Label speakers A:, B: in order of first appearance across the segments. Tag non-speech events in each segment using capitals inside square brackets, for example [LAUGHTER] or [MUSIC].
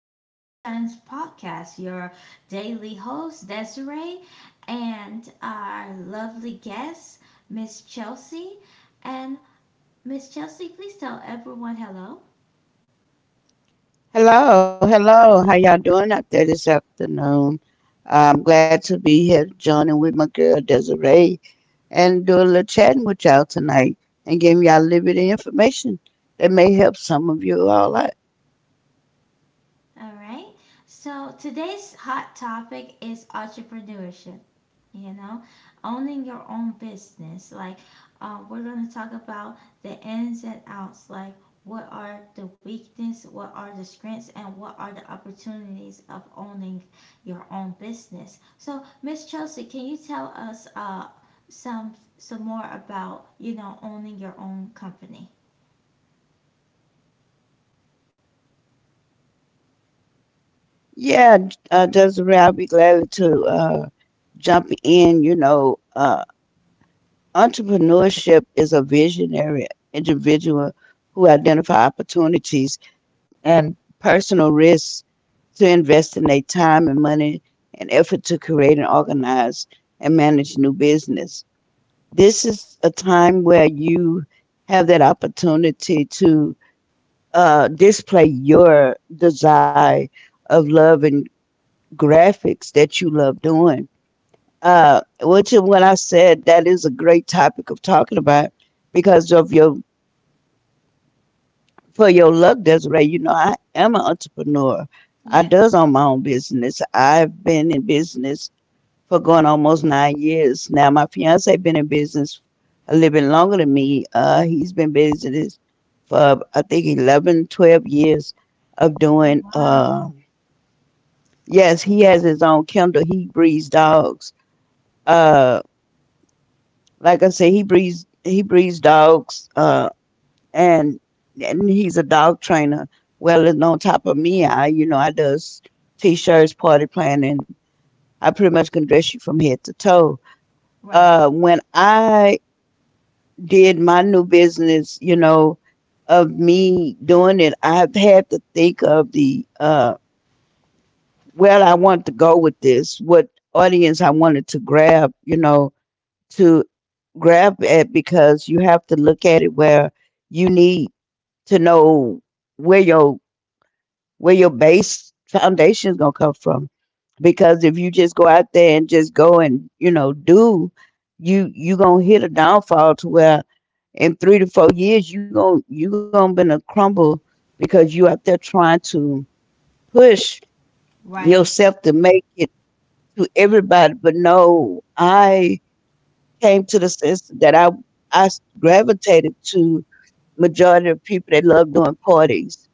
A: to Sunshine's podcast, your daily host, Desiree, and our lovely guest, Miss Chelsea. And Miss Chelsea, please tell everyone hello.
B: Hello, hello. How y'all doing out there this afternoon? I'm glad to be here joining with my girl Desiree and do a little chatting with y'all tonight and giving y'all a little bit of information that may help some of you all out.
A: All right. So today's hot topic is entrepreneurship. You know, owning your own business. We're going to talk about the ins and outs. What are the weaknesses? What are the strengths? And what are the opportunities of owning your own business? So, Miss Chelsea, can you tell us some more about owning your own company?
B: Yeah, Desiree, I'll be glad to jump in. You know, entrepreneurship is a visionary individual who identify opportunities and personal risks to invest in their time and money and effort to create and organize and manage new business. This is a time where you have that opportunity to display your desire of love and graphics that you love doing. Which is when I said that is a great topic of talking about because of your for your luck, that's right. You know, I am an entrepreneur. I
A: Yes.
B: does own my own business. I've been in business for going almost 9 years now. My fiance been in business a little bit longer than me. He's been business for I think 11, 12 years of
A: Oh,
B: doing.
A: wow.
B: Yes, he has his own Kindle. He breeds dogs. Uh, like I said, he breeds dogs. And and he's a dog trainer. Well, and on top of me, I you know I does t-shirts, party planning. I pretty much can dress you from head to toe.
A: Right.
B: When I did my new business, you know, of me doing it, I've had to think of the where I want to go with this, what audience I wanted to grab, you know, to grab at because you have to look at it where you need to know where your where your base foundation is going to come from because if you just go out there and just go and you know do you you gonna hit a downfall to where in 3 to 4 years you gonna you gonna crumble because you out there trying to push
A: Right.
B: yourself to make it to everybody but no, I came to the sense that I gravitated to majority of people that love doing parties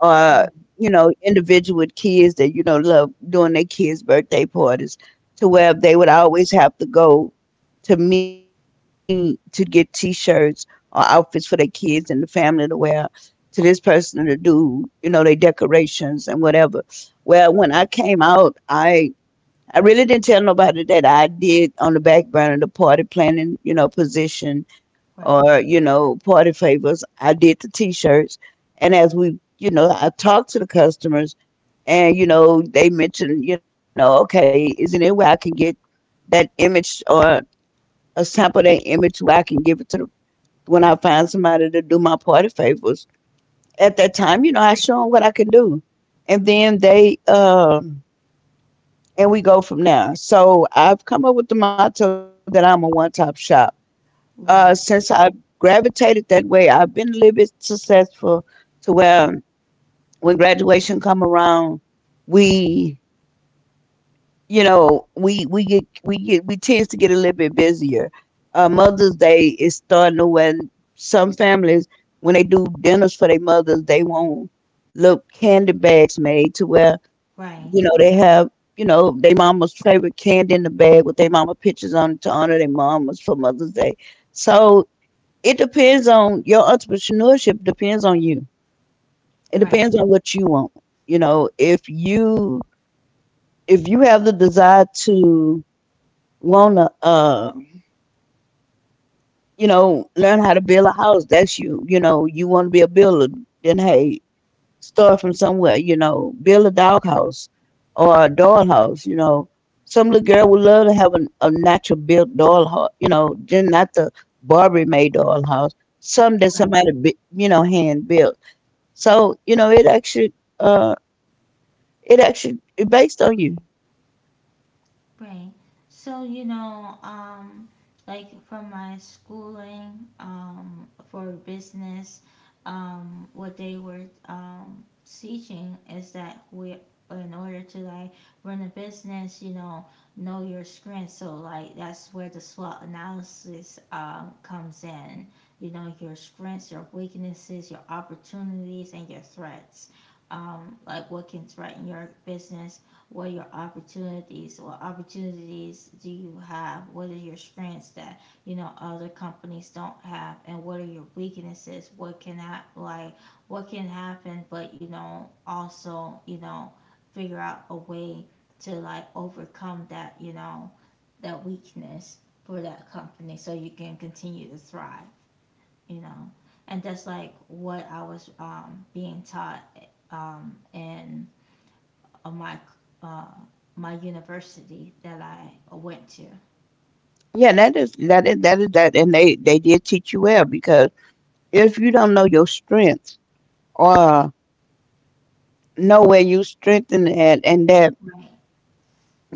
B: or you know individual with kids that you know love doing their kids birthday parties to where they would always have to go to me to get t-shirts or outfits for their kids and the family to wear to this person to do you know their decorations and whatever. Well, when I came out, I really didn't tell nobody that I did on the back burner the party planning you know position
A: Right.
B: or you know party favors, I did the t-shirts. And as we, you know, I talked to the customers and, you know, they mentioned, you know, okay, is there any way I can get that image or a sample of that image where I can give it to the, when I find somebody to do my party favors? At that time, you know, I show them what I can do. And then they, and we go from there. So I've come up with the motto that I'm a one top shop. Since
A: Right.
B: I gravitated that way, I've been a little bit successful to where when graduation come around, we you know we tend to get a little bit busier. Mother's Day is starting to when some families when they do dinners for their mothers, they want little candy bags made to where
A: Right,
B: you know they have you know their mama's favorite candy in the bag with their mama pictures on it to honor their mamas for Mother's Day. So it depends on your entrepreneurship depends on you. It
A: right,
B: depends on what you want. You know, you if you have the desire to wanna you know learn how to build a house, that's you you know you want to be a builder, then hey, start from somewhere, you know, build a dog house or a doll house, you know, some little girl would love to have a natural built doll house, you know, then not the barbie made doll house, some that
A: right,
B: somebody you know hand built. So you know it actually uh it actually it based on you.
A: right. So, like from my schooling, for business, what they were teaching is that we, in order to like run a business, know your strengths. So, like, that's where the SWOT analysis comes in. You know, your strengths, your weaknesses, your opportunities, and your threats, like what can threaten your business, what are your opportunities, what opportunities do you have, what are your strengths that other companies don't have, and what are your weaknesses, like what can happen. But also, figure out a way to like overcome that that weakness for that company so you can continue to thrive, you know and that's like what I was being taught, and of my uh, my university that I went to.
B: Yeah, that is that, and they did teach you well because if you don't know your strengths or know where you strengthen at, and that
A: Right.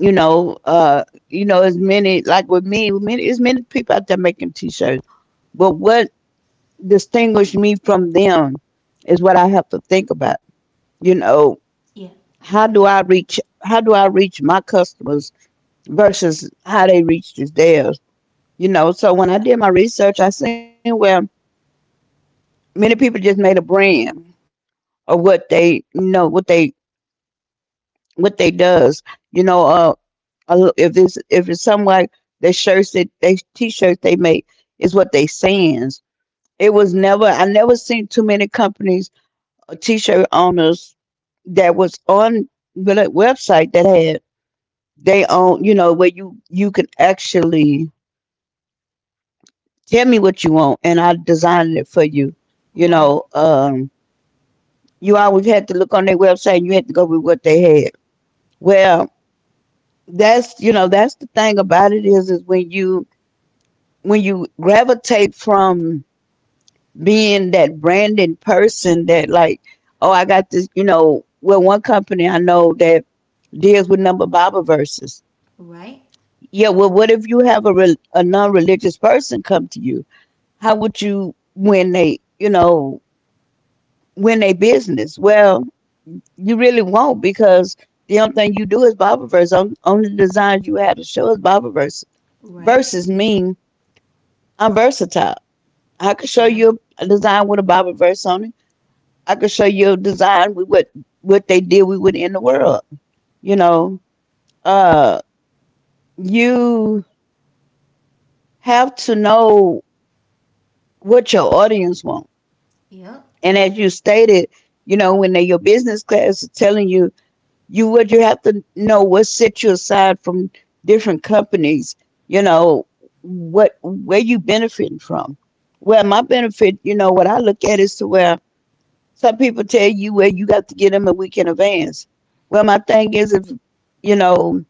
B: you know, uh, you know, as many like with me, many as many people out there making t-shirts, but what distinguished me from them is what I have to think about. You know,
A: Yeah.
B: how do I reach? How do I reach my customers versus how they reach theirs? You know, so when I did my research, I seen where many people just made a brand of what they you know what they does you know a if it's something like the shirts that they t-shirts they make is what they sayings. It was never I never seen too many companies or t-shirt owners that was on the website that had they own, you know, where you can actually tell me what you want and I design it for you, you
A: Right.
B: know, um. You always had to look on their website and you had to go with what they had. Well, that's you know, that's the thing about it is when you gravitate from being that branding person that like, oh I got this, you know, well one company I know that deals with number Bible verses.
A: Right.
B: Yeah, well what if you have a, a non-religious person come to you? How would you win they, you know, win a business? Well, you really won't because the only thing you do is Bible verse. Only designs you have to show is Bible verse.
A: Right.
B: Verses mean I'm versatile. I could show
A: Yeah.
B: you a design with a Bible verse on it. I could show you a design with what they did we would in the world. You know, uh, you have to know what your audience wants.
A: Yep.
B: And as you stated, you know, when they your business class is telling you you would you have to know what set you aside from different companies, you know, what where you benefiting from. Well, my benefit, you know what I look at is to where some people tell you where you got to get them a week in advance. Well, my thing is if you know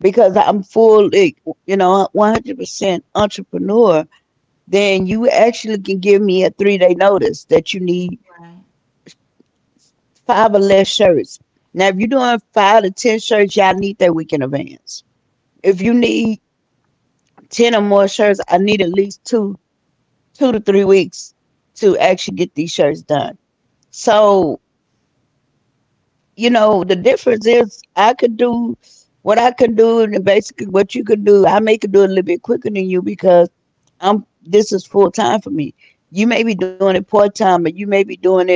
B: because I'm fully you know 100% entrepreneur, then you actually can give me a 3 day notice that you need
A: Right.
B: five or less shirts. Now if you're doing five to ten shirts, y'all need that week in advance. If you
A: Yeah.
B: need ten or more shirts, I need at least 2 to 3 weeks to actually get these shirts done. So you know the difference is I could do what I could do, and basically what you could do. I may could do it a little bit quicker than you because I'm this is full time for me. You may be doing it part time, but you may be doing it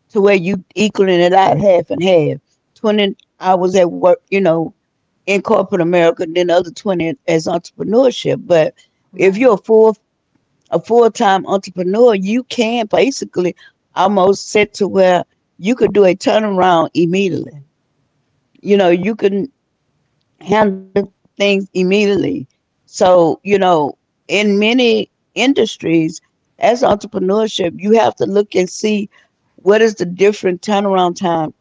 B: to where you equaling it out half and half. 20 hours at work, you know, in corporate America, and then the other 20 as entrepreneurship. But if
A: Right.
B: you're a full time entrepreneur, you can basically almost set to where you could do a turnaround immediately. You know, you can handle things immediately. So, you know, in many industries, as entrepreneurship, you have to look and see what is the different turnaround time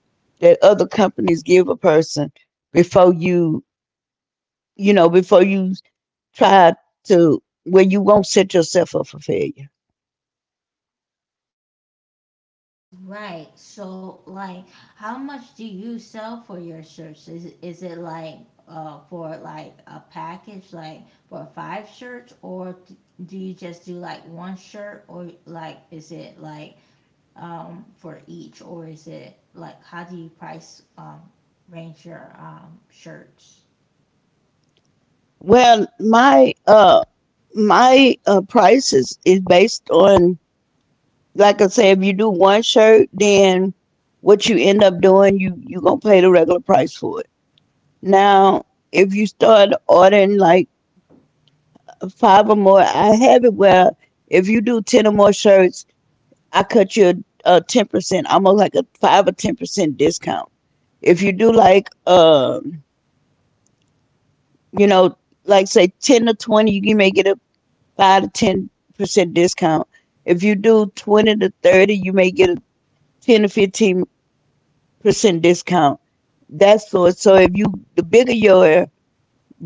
B: that other companies give a person before you, you know, before you try to where you won't set yourself up for failure.
A: Right. So, like, how much do you sell for your shirts? Is it like for like a package, like for five shirts, do you just do like one shirt, or like is it like for each, or is it like how do you price range your shirts?
B: Well, my price is based on like I say, if you do one shirt, then what you end up doing, you gonna pay the regular price for it. Now, if you start ordering like five or more, I have it where if you do ten or more shirts, I cut you a 10%, almost like a 5 or 10% discount. If you do like you know, like say 10 to 20, you may get a 5 to 10% discount. If you do 20 to 30, you may get a 10 to 15% discount. That's so. So if you the bigger your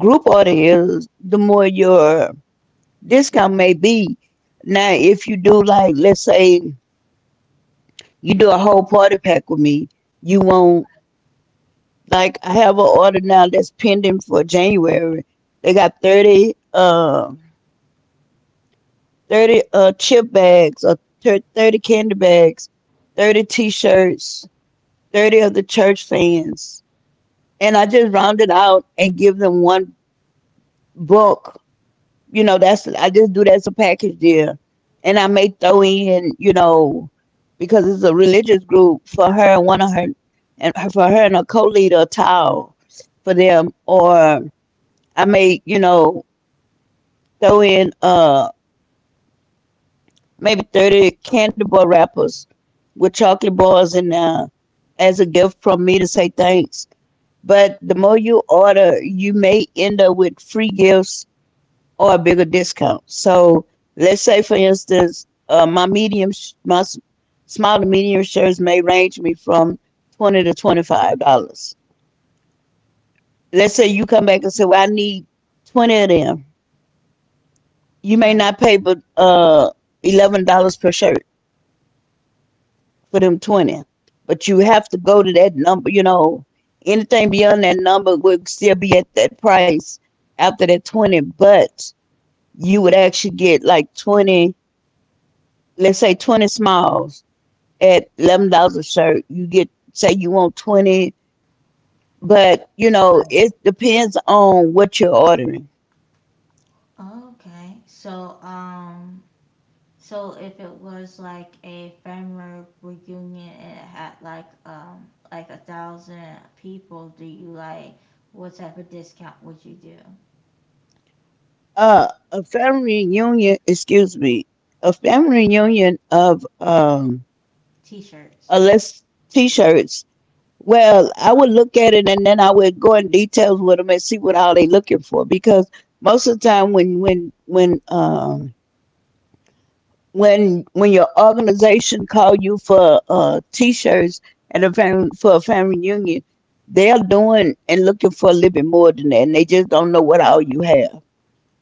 B: group order is, the more your discount may be. Now, if you do like let's say you do a whole party pack with me, you won't like I have an order now that's pending for January. They got 30. 30 chip bags, or 30 candy bags, 30 t-shirts, 30 of the church fans, and I just round it out and give them one book. You know that's I just do that as a package deal. And I may throw in, because it's a religious group, for her and one of her and her- for her and her co-leader Tao, for them. Or I may, throw in maybe 30 candy bar wrappers with chocolate bars in there as a gift from me to say thanks. But the more you order, you may end up with free gifts or a bigger discount. So let's say, for instance, my medium, sh- my s- small to medium shirts may range me from 20 to $25. Let's say you come back and say, well, I need 20 of them. You may
A: Right,
B: not pay but $11 per shirt for them 20. But you have to go to that number, you know, anything beyond that number would still be at that price after that 20. But you would actually get like 20, let's say 20 smalls at $11 a shirt. You get, say you want 20, but you know,
A: right.
B: it depends on what you're ordering.
A: Okay, so if it was like a family reunion and it had like a thousand people, do you like what type of discount would you do?
B: Excuse me, a family reunion of,
A: T-shirts.
B: less t-shirts. Well, I would look at it and then I would go in details with them and see what all they looking for, because most of the time when your organization call you for t-shirts and a family for a family reunion, they're doing and looking for a little bit more than that, and they just don't know what all you have.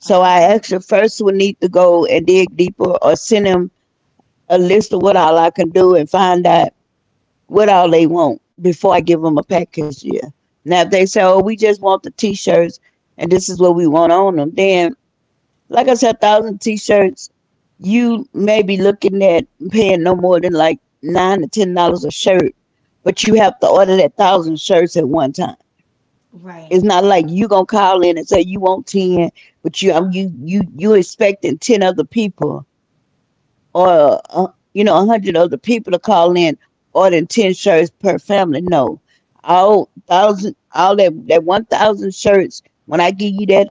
B: So I
A: Oh,
B: actually first would need to go and dig deeper or send them a list of what all I can do and find out what all they want before I give them a package deal. Now, if they say, oh, we just want the t shirts and this is what we want on them, then, like I said, 1,000 t shirts, you may be looking at paying no more than like 9 to $10 a shirt, but you have to order that 1,000 shirts at one time.
A: right,
B: It's not like you gonna call in and say you want ten, but you expecting 10 other people, or you know, 100 other people to call in ordering 10 shirts per family. No, all thousand all that that 1,000 shirts,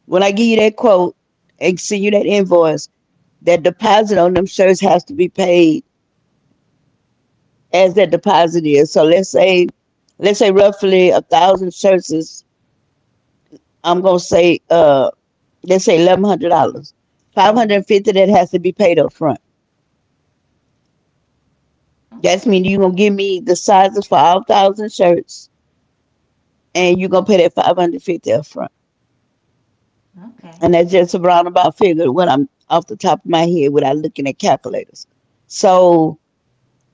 B: when I give you that quote and send you that invoice, that deposit on them shirts has to be paid as that deposit is. So let's say roughly a thousand shirts is, I'm gonna say let's say, $1,100. Five
A: right.
B: hundred and fifty that has to be paid up front. That's
A: Okay,
B: mean you're gonna give me the sizes for all thousand shirts, and you're gonna pay that 550 up front.
A: okay,
B: And that's just a roundabout figure what I'm off the top of my head without looking at calculators. So,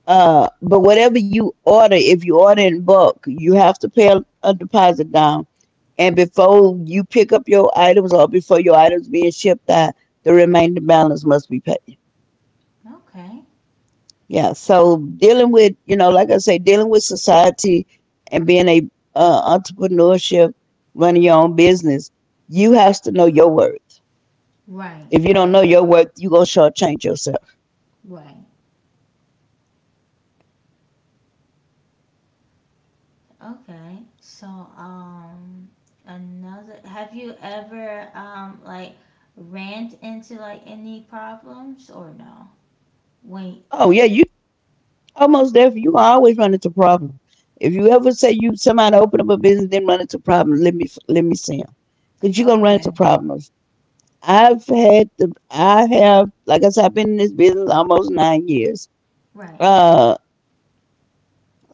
B: but whatever you order, if you order in bulk, you have to pay a deposit down. And before you pick up your items or before your items being shipped out, the remaining balance must be paid.
A: okay.
B: Yeah. So dealing with, you know, like I say, dealing with society and being a entrepreneurship, running your own business, you have to know your worth.
A: Right,
B: If you don't
A: right,
B: know your worth, you gonna shortchange yourself.
A: right. Okay. So, another, have you ever, like ran into like any problems or no? Wait.
B: Oh yeah, you almost there. You always run into problems. If you ever say you somebody open up a business, then run into problems. Let me see you, cause you gonna run
A: Okay.
B: into problems. I've had the I have Like I said, I've been in this business almost 9 years.
A: Right.
B: Uh,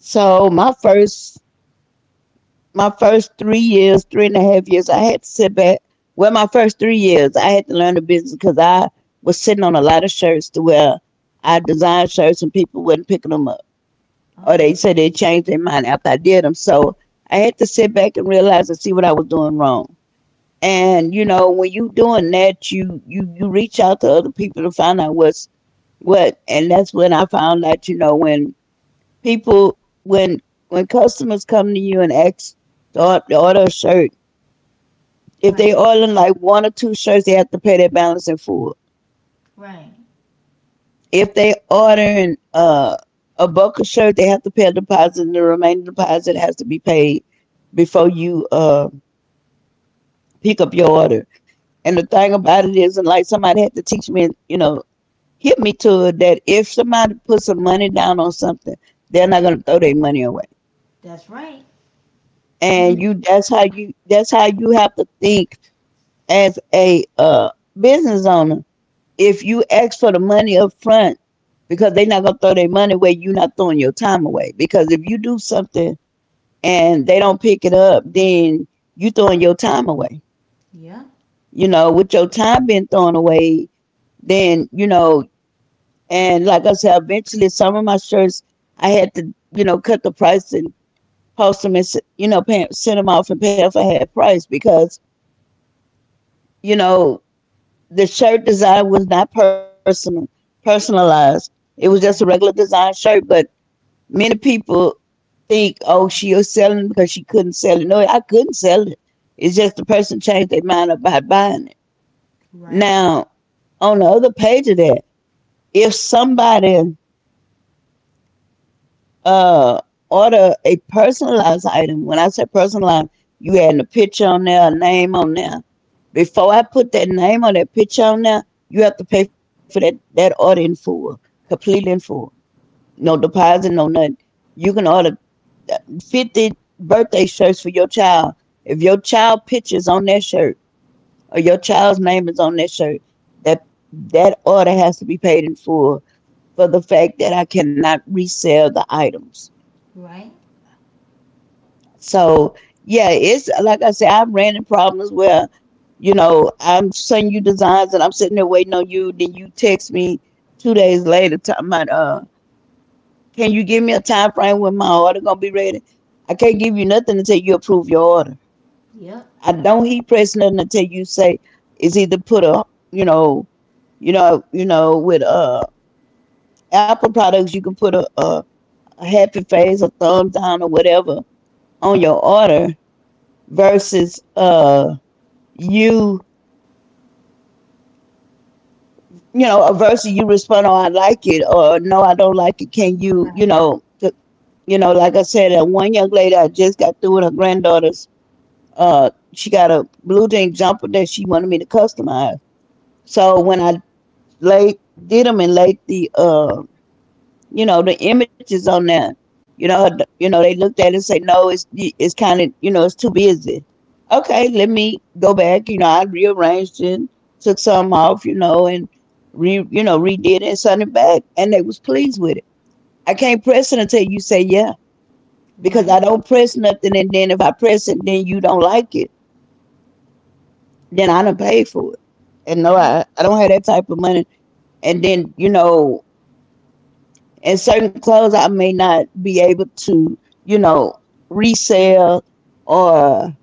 B: so my first 3 years, 3.5 years, I had to sit back. Well, my first 3 years, I had to learn the business because I was sitting on a lot of shirts to wear. I designed shirts and people was not picking them up, or they
A: Oh,
B: said they changed their mind after I did them. So I had to sit back and realize and see what I was doing wrong. And you know, when you doing that, you reach out to other people to find out what's what. And that's when I found out, you know, when people when customers come to you and ask to to order a shirt, if
A: right,
B: they order like one or two shirts, they have to pay their balance in full.
A: right.
B: If they order a bulk of shirt, they have to pay a deposit, and the remaining deposit has to be paid before you pick up your order. And the thing about it is, and like somebody had to teach me, you know, hit me to it, that if somebody puts some money down on something, they're not gonna throw their money away.
A: That's right.
B: And you,
A: [LAUGHS]
B: that's how you, That's how you have to think, as a business owner. If you ask for the money up front, because they're not gonna throw their money away, you're not throwing your time away. Because if you do something and they don't pick it up, then you throwing your time away.
A: Yeah.
B: You know, with your time being thrown away, then you know, and like I said, eventually some of my shirts I had to, you know, cut the price and post them, and you know, send them off and pay off a half price, because you know the shirt design was not personalized. It was just a regular
A: Right,
B: design shirt, but many people think, oh, she was selling because she couldn't sell it. No, I couldn't sell it. It's just the person changed their mind about buying it.
A: right,
B: Now, on the other page of that, if somebody uh order a personalized item — when I say personalized, you had a picture on there, a name on there — before I put that name on that picture on there, you have to pay for that order in full, completely in full. No deposit, no nothing. You can order uh, 50 birthday shirts for your child. If your child pictures on that shirt, or your child's name is on that shirt, that that order has to be paid in full, for the fact that I cannot resell the items.
A: right.
B: So yeah, it's like I said, I've ran into problems where, you know, I'm sending you designs and I'm sitting there waiting on you. Then you text me 2 days later, talking about, can you give me a time frame when my order gonna be ready? I can't give you nothing until you approve your order.
A: Yep.
B: I don't heat press nothing until you say it's either put a, you know, you know, with Apple products you can put a happy face, a thumbs down, or whatever on your order, versus you you know, a verse and you respond, oh, I like it, or no, I don't like it. Can you, you
A: Right,
B: know, you know, like I said, that one young lady I just got through with her granddaughter's, uh, she got a blue jean jumper that she wanted me to customize. So when I laid, did them and laid the you know, the images on there, you know, they looked at it and say no, it's kind of, you know, it's too busy. Okay, let me go back, you know, I rearranged it, took some off, you know, and re you know, redid it and sent it back, and they was pleased with it. I can't press it until you say yeah,
A: right.
B: because I don't press nothing, and then if I press it then you don't like it, then I don't pay for it. And no,
A: Yeah.
B: I don't have that type of money. And then you know, and certain clothes I may not be able to, you know, resell, or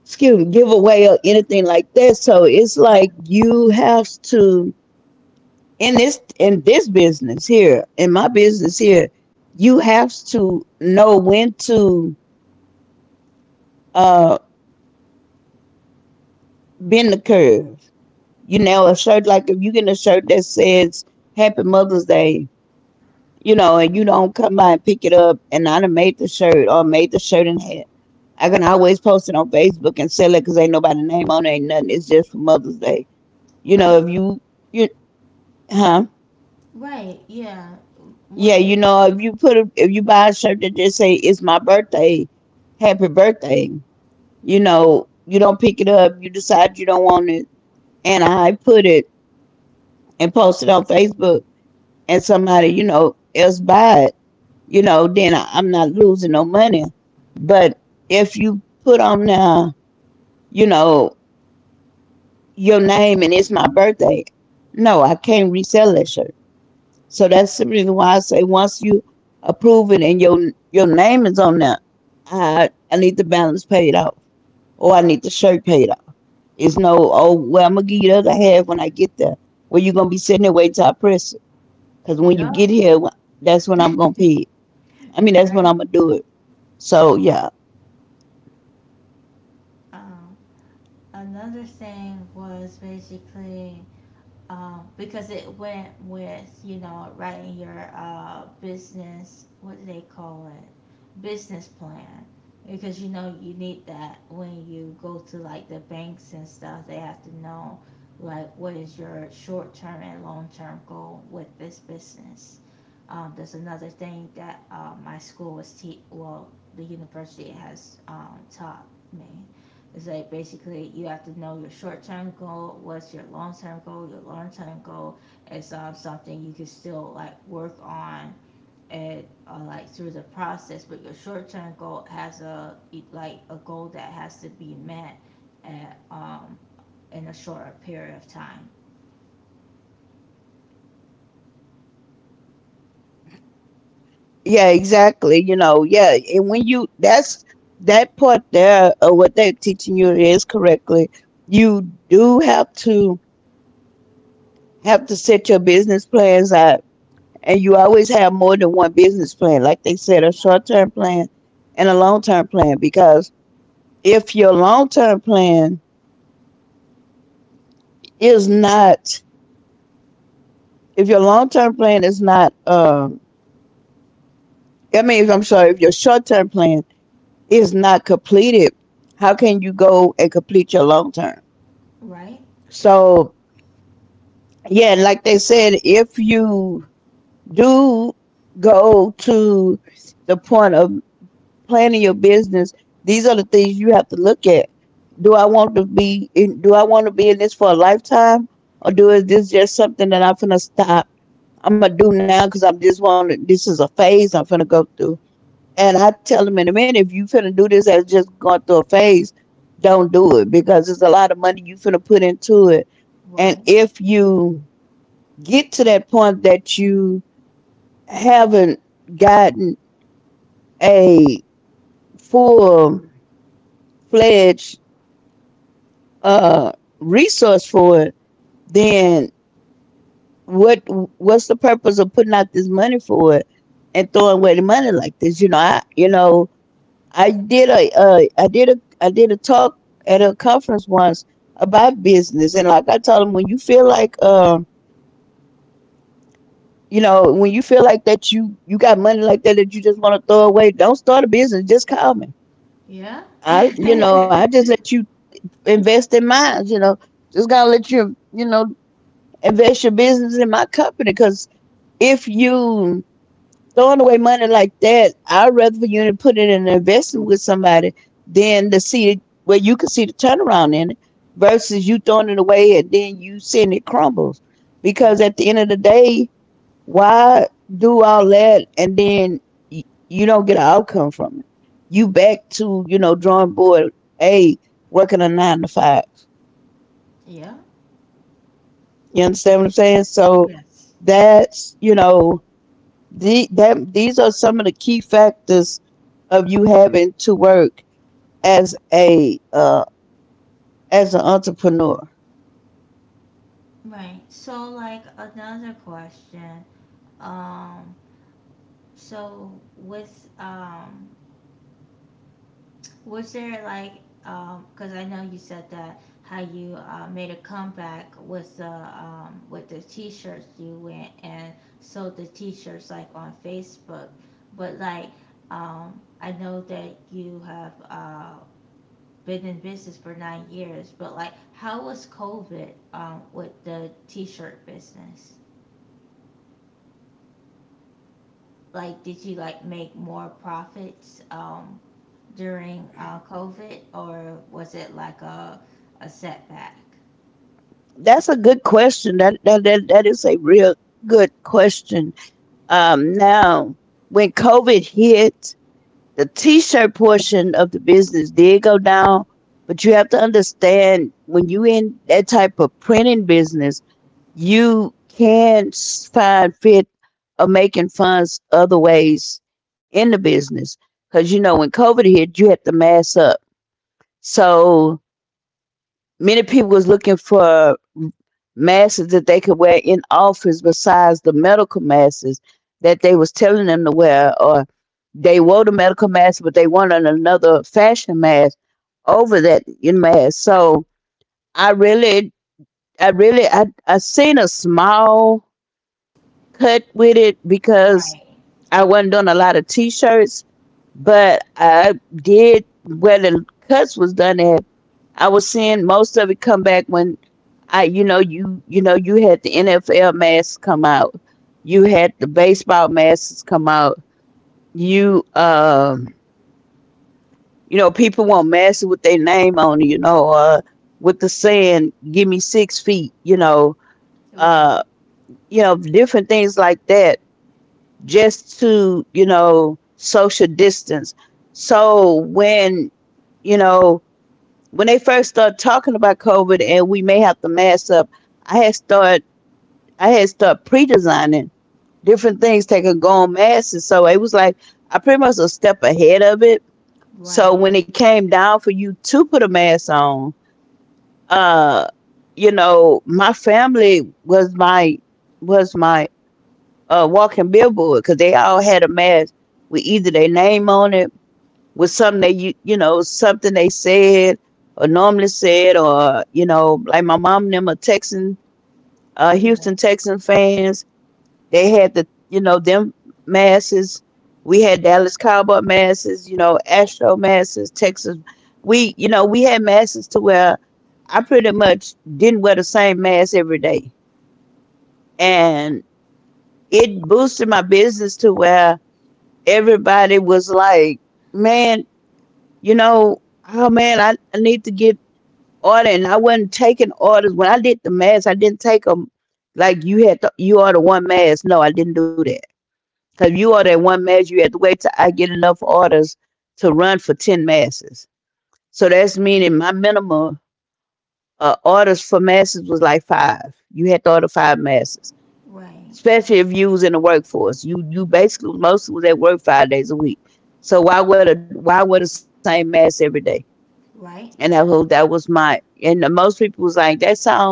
B: excuse me, give away or anything like that. So it's
A: Right,
B: like you have to, in this business here, in my business here, you have to know when to uh bend the curve. You know, a shirt, like if you get a shirt that says Happy Mother's Day, you know, and you don't come by and pick it up, and I done made the shirt, or made the shirt and hat, I can always post it on Facebook and sell it because ain't nobody name on it, ain't nothing. It's just for Mother's Day. You
A: right,
B: know, if you, you, huh?
A: right. Yeah.
B: Yeah,
A: When
B: you
A: you,
B: know, if you buy a shirt that just say it's my birthday, happy birthday. You know, you don't pick it up. You decide you don't want it, and I put it and post it on Facebook, and somebody, you know, else buy it. You know, then I'm not losing no money. But if you put on now, you know, your name and it's my birthday, no, I can't resell that shirt. So that's the reason why I say, once you approve it and your name is on there, I need the balance paid off, or I need the shirt paid off. It's no, oh well I'm gonna give you the other half when I get there. Well, you're gonna be sitting there waiting till I press it, because when you get
A: yep.
B: here, that's when I'm gonna
A: [LAUGHS]
B: pay it. I mean, that's when
A: Right.
B: I'm gonna do it. So yeah.
A: Um, Another thing was basically because it went with writing your business, what do they call it, business plan, because you need that when you go to like the banks and stuff. They have to know like what is your short term and long term goal with this business. There's another thing that my school was te- well the university has taught me. It's like basically you have to know your short term goal, what's your long term goal. Your long term goal is something you can still like work on and like through the process, but your short term goal has like a goal that has to be met at in a shorter period of time.
B: Yeah, exactly. Yeah. And when you, that's that part there of what they're teaching you is correctly. You do have to set your business plans out, and you always have more than one business plan. Like they said, a short term plan and a long term plan. Because if your long term plan is not, if your long term plan is not, I mean, if, I'm sorry, if your short term plan is not completed, how can you go and complete your long term?
A: Right?
B: So yeah, like they said, if you do go to the point of planning your business, these are the things you have to look at. Do I want to be in, do I want to be in this for a lifetime? Or do, is this just something that I'm finna stop? I'm gonna do now because I'm just want to, this is a phase I'm finna go through. And I tell them in a minute, if you finna do this as just going through a phase, don't do it, because there's a lot of money you finna put into it. And
A: Right.
B: if you get to that point that you haven't gotten a full fledged uh, resource for it, then what what's the purpose of putting out this money for it and throwing away the money like this? You know, I did a I did a talk at a conference once about business, and like I told them, when you feel like you know, when you feel like that you got money like that, that you just want to throw away, don't start a business. Just call me.
A: Yeah. [LAUGHS]
B: I just let you invest in mine. You know, just gotta let you, you know, invest your business in my company, because if you throwing away money like that, I'd rather for you to put it in an investment with somebody than to see it where you can see the turnaround in it, versus you throwing it away and then you seeing it crumbles. Because
A: Yeah.
B: at the end of the day, why do all that and then you don't get an outcome from it? You back to, you know, drawing board A, working a nine to five.
A: Yeah.
B: You understand what I'm saying? So
A: Yes.
B: that's, you know, the, that these are some of the key factors of you having to work as a as an entrepreneur.
A: Right. So like another question. Um So with was there like because I know you said that how you made a comeback with the t-shirts, you went and sold the t-shirts like on Facebook, but like I know that you have been in business for 9 years, but like how was COVID with the t-shirt business? Like, did you like make more profits during COVID, or was it like a setback?
B: That's a good question. That is a real good question. Now, when COVID hit, the t-shirt portion of the business did go down, but you have to understand, when you in that type of printing business, you can find fit of making funds other ways in the business, because you know, when covid hit, you had to mass up. So many people was looking for masses that they could wear in office besides the medical masks that they was telling them to wear, or they wore the medical mask but they wanted another fashion mask over that in mask. So i really I seen a small cut with it, because
A: Right,
B: I wasn't doing a lot of t-shirts, but I did where the cuts was done at. I was seeing most of it come back when I, you know, you had the NFL masks come out, you had the baseball masks come out, you you know, people want masks with their name on, it, you know, with the saying "Give me 6 feet,"
A: right,
B: uh, you know, different things like that. Just to, you know, social distance. So when, you know, when they first start talking about COVID and we may have to mask up, I had start I had start pre-designing different things that could go on masks. And so it was like I pretty much a step ahead of it.
A: right,
B: So when it came down for you to put a mask on, uh, you know, my family was my walking billboard, because they all had a mask with either their name on it, with something they, you know, something they said or normally said, or you know, like my mom and them are Texan,
A: right,
B: Houston Texan fans. They had the, you know, them masses. We had Dallas Cowboy masses, you know, Astro masses, Texas. We, you know, we had masses to where I pretty much didn't wear the same mask every day, and it boosted my business to where everybody was like, man, you know, oh man, I need to get order. And I wasn't taking orders. When I did the mask, I didn't take them like you had to, you order one mask. No, I didn't do that. Because you order one mask, you had to wait till I get enough orders to run for 10 masses. So that's meaning my minimum orders for masses was like five. You had to order five masses.
A: right,
B: Especially if you was in the workforce. You basically mostly was at work 5 days a week. So why wear the same mask every day? And
A: right,
B: that was my, and most people was like, that sounds,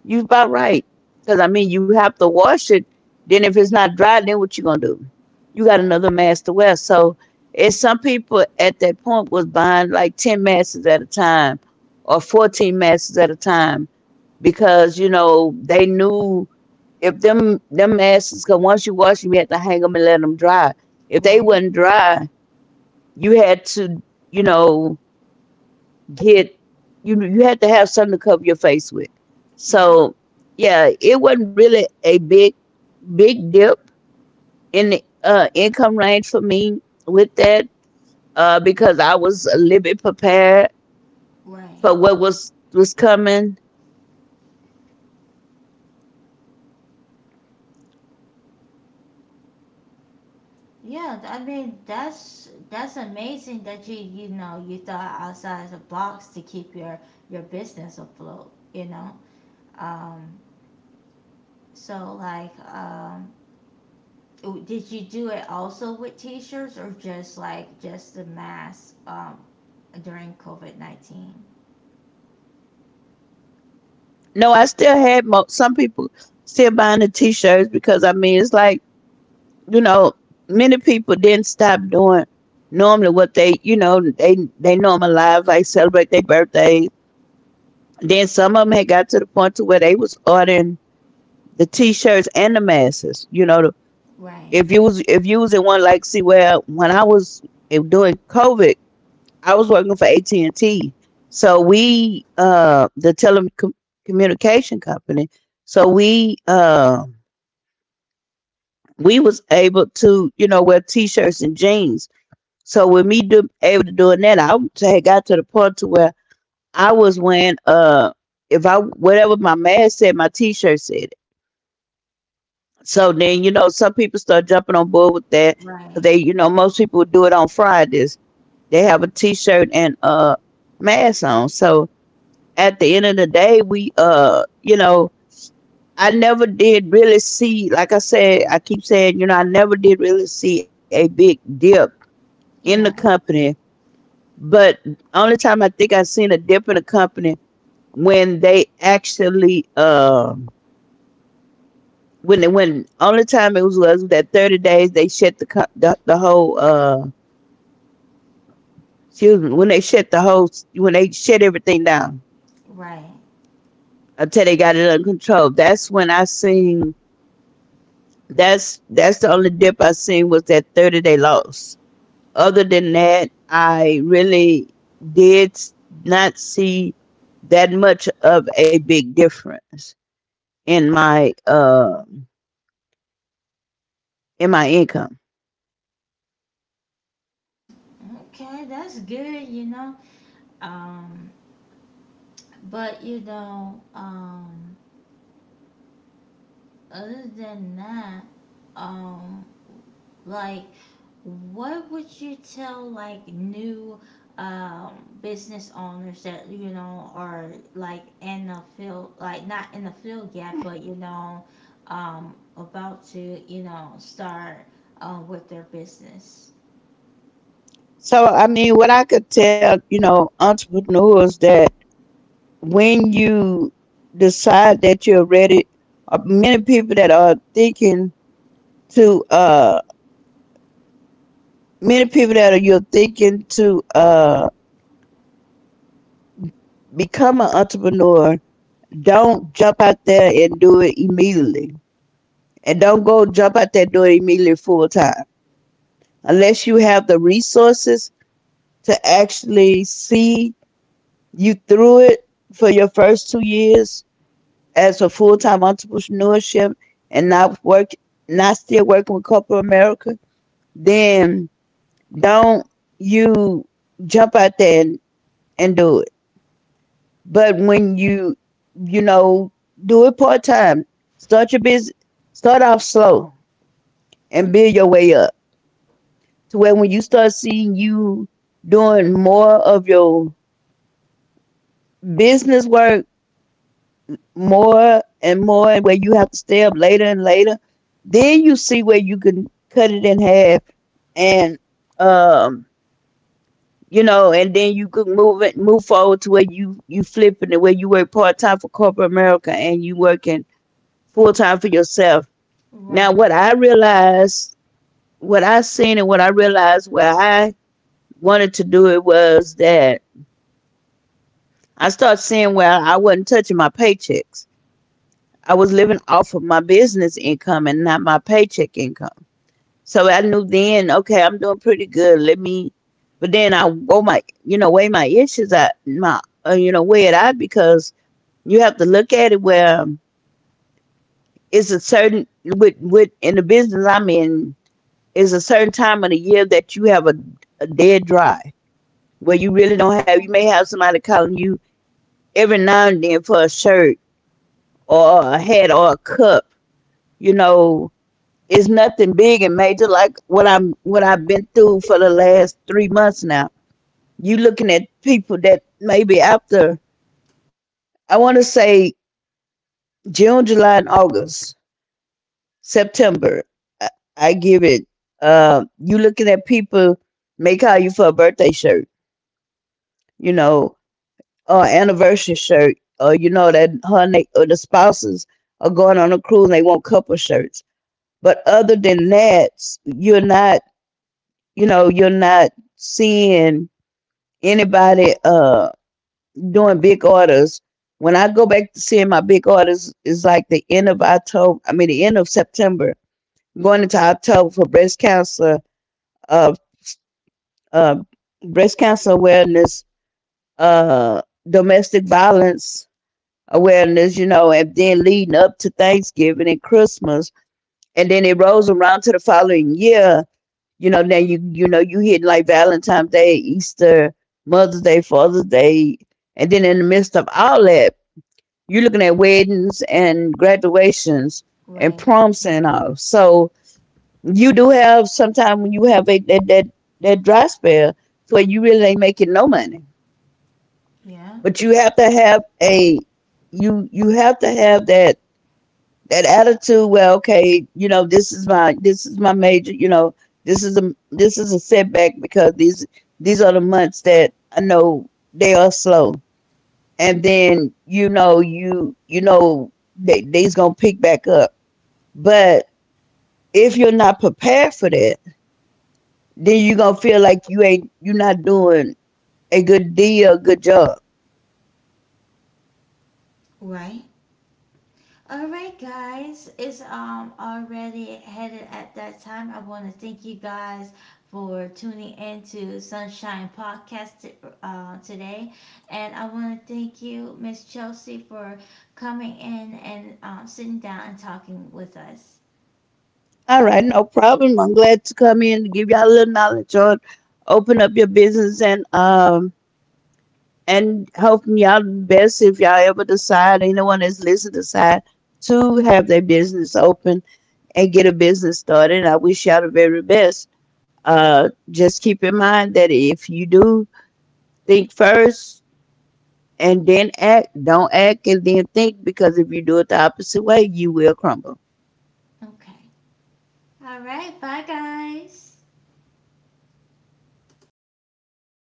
B: you about right, because I mean, you have to wash it. Then if it's not dry, then what you gonna do? You got another mask to wear. So it's some people at that point was buying like ten masks at a time or 14 masks at a time, because you know they knew, if them asses, cause once you wash them, you had to hang them and let them dry. If they
A: right.
B: wasn't dry, you had to, you know, get you had to have something to cover your face with.
A: Yeah,
B: So yeah, it wasn't really a big dip in the income range for me with that, because I was a little bit prepared
A: right.
B: for what was coming.
A: Yeah, I mean that's amazing that you know you thought outside the box to keep your business afloat. Um, so like, did you do it also with t-shirts or just like just the mask during COVID 19?
B: No, I still had some people still buying the t-shirts, because I mean it's like, you know, many people didn't stop doing normally what they, you know, they normalized, like celebrate their birthdays. Then some of them had got to the point to where they was ordering the t-shirts and the masks. You know, the-,
A: Right,
B: if you was in one, like see where when I was during COVID, I was working for AT&T and T, so we the telecommunication company, so we was able to, you know, wear t-shirts and jeans. So with me do, able to doing that, I had got to the point to where I was wearing, if, I whatever my mask said, my t-shirt said it. So then, you know, some people start jumping on board with that. 'Cause
A: right.
B: they, you know, most people do it on Fridays. They have a t-shirt and mask on. So at the end of the day, we, you know, I never did really see, like I said, I keep saying, you know, I never did really see a big dip in the
A: Yeah,
B: company. But only time I think I seen a dip in a company, when they actually when they, when only time it was that 30 days they shut the whole, excuse me, when they shut the whole, when they shut everything down
A: right.
B: until they got it under control. That's when I seen, that's the only dip I seen, was that 30 day loss. Other than that, I really did not see that much of a big difference in my uh in my income.
A: Okay, that's good, you know. Um, but other than that, um, like, what would you tell like new business owners that are like in the field, like not in the field yet, but about to start with their business?
B: So I mean, what I could tell, you know, entrepreneurs that, when you decide that you're ready, uh, many people that are thinking to uh many people that are, you're thinking to become an entrepreneur, don't jump out there and do it immediately, and don't go jump out that door immediately full time unless you have the resources to actually see you threw it for your first 2 years as a full time entrepreneurship and not work, not still working with corporate America, then don't you jump out there and do it. But when you know, do it part time. Start your business, start off slow, and build your way up to where when you start seeing you doing more of your business work more and more, and where you have to stay up later and later, then you see where you can cut it in half. and um and then you could move it, move forward to where you flipping it, where you work part-time for corporate America and you working full-time for yourself. Now
A: Right,
B: what I realized, what I seen, and what I realized where I wanted to do it was that I started seeing where I wasn't touching my paychecks. I was living off of my business income and not my paycheck income. So I knew then, okay, I'm doing pretty good. But then I go my, weigh my issues out, my, weigh it out, because you have to look at it where it's a certain with in the business I'm in, is a certain time of the year that you have a dead dry where you really don't have. You may have somebody calling you every now and then for a shirt or a hat or a cup, you know, it's nothing big and major like what I've been through for the last 3 months now. You looking at people that maybe after, I want to say, June, July, and August, September. I, I give it. You looking at people may call you for a birthday shirt, you know, or anniversary shirt, or you know that her and they, or the spouses are going on a cruise and they want couple shirts. But other than that, you're not, you're not seeing anybody doing big orders. When I go back to seeing my big orders, it's like the end of October. The end of September, going into October for uh, uh, breast cancer awareness, domestic violence awareness, and then leading up to Thanksgiving and Christmas, and then it rolls around to the following year. Now you hit like Valentine's Day, Easter, Mother's Day, Father's Day, and then in the midst of all that, you're looking at weddings and graduations and
A: right.
B: proms and all. So you do have sometime when you have a that dry spell where you really ain't making no money.
A: Yeah,
B: But you have to have a you have to have that attitude where okay, this is my major, this is a setback, because these are the months that I know they are slow. And then they they's gonna pick back up. But if you're not prepared for that, then you're gonna feel like you're not doing a good job.
A: right. Alright, guys, it's already headed at that time. I want to thank you guys for tuning in to Sunshine Podcast today. And I want to thank you, Miss Chelsea, for coming in and sitting down and talking with us.
B: All right, no problem. I'm glad to come in to give y'all a little knowledge on open up your business, and hoping y'all the best. If y'all ever decide, anyone that's listening, decide to have their business open and get a business started, I wish y'all the very best. Just keep in mind that if you do, think first and then act. Don't act and then think, because if you do it the opposite way, you will crumble.
A: Okay. Alright, bye guys.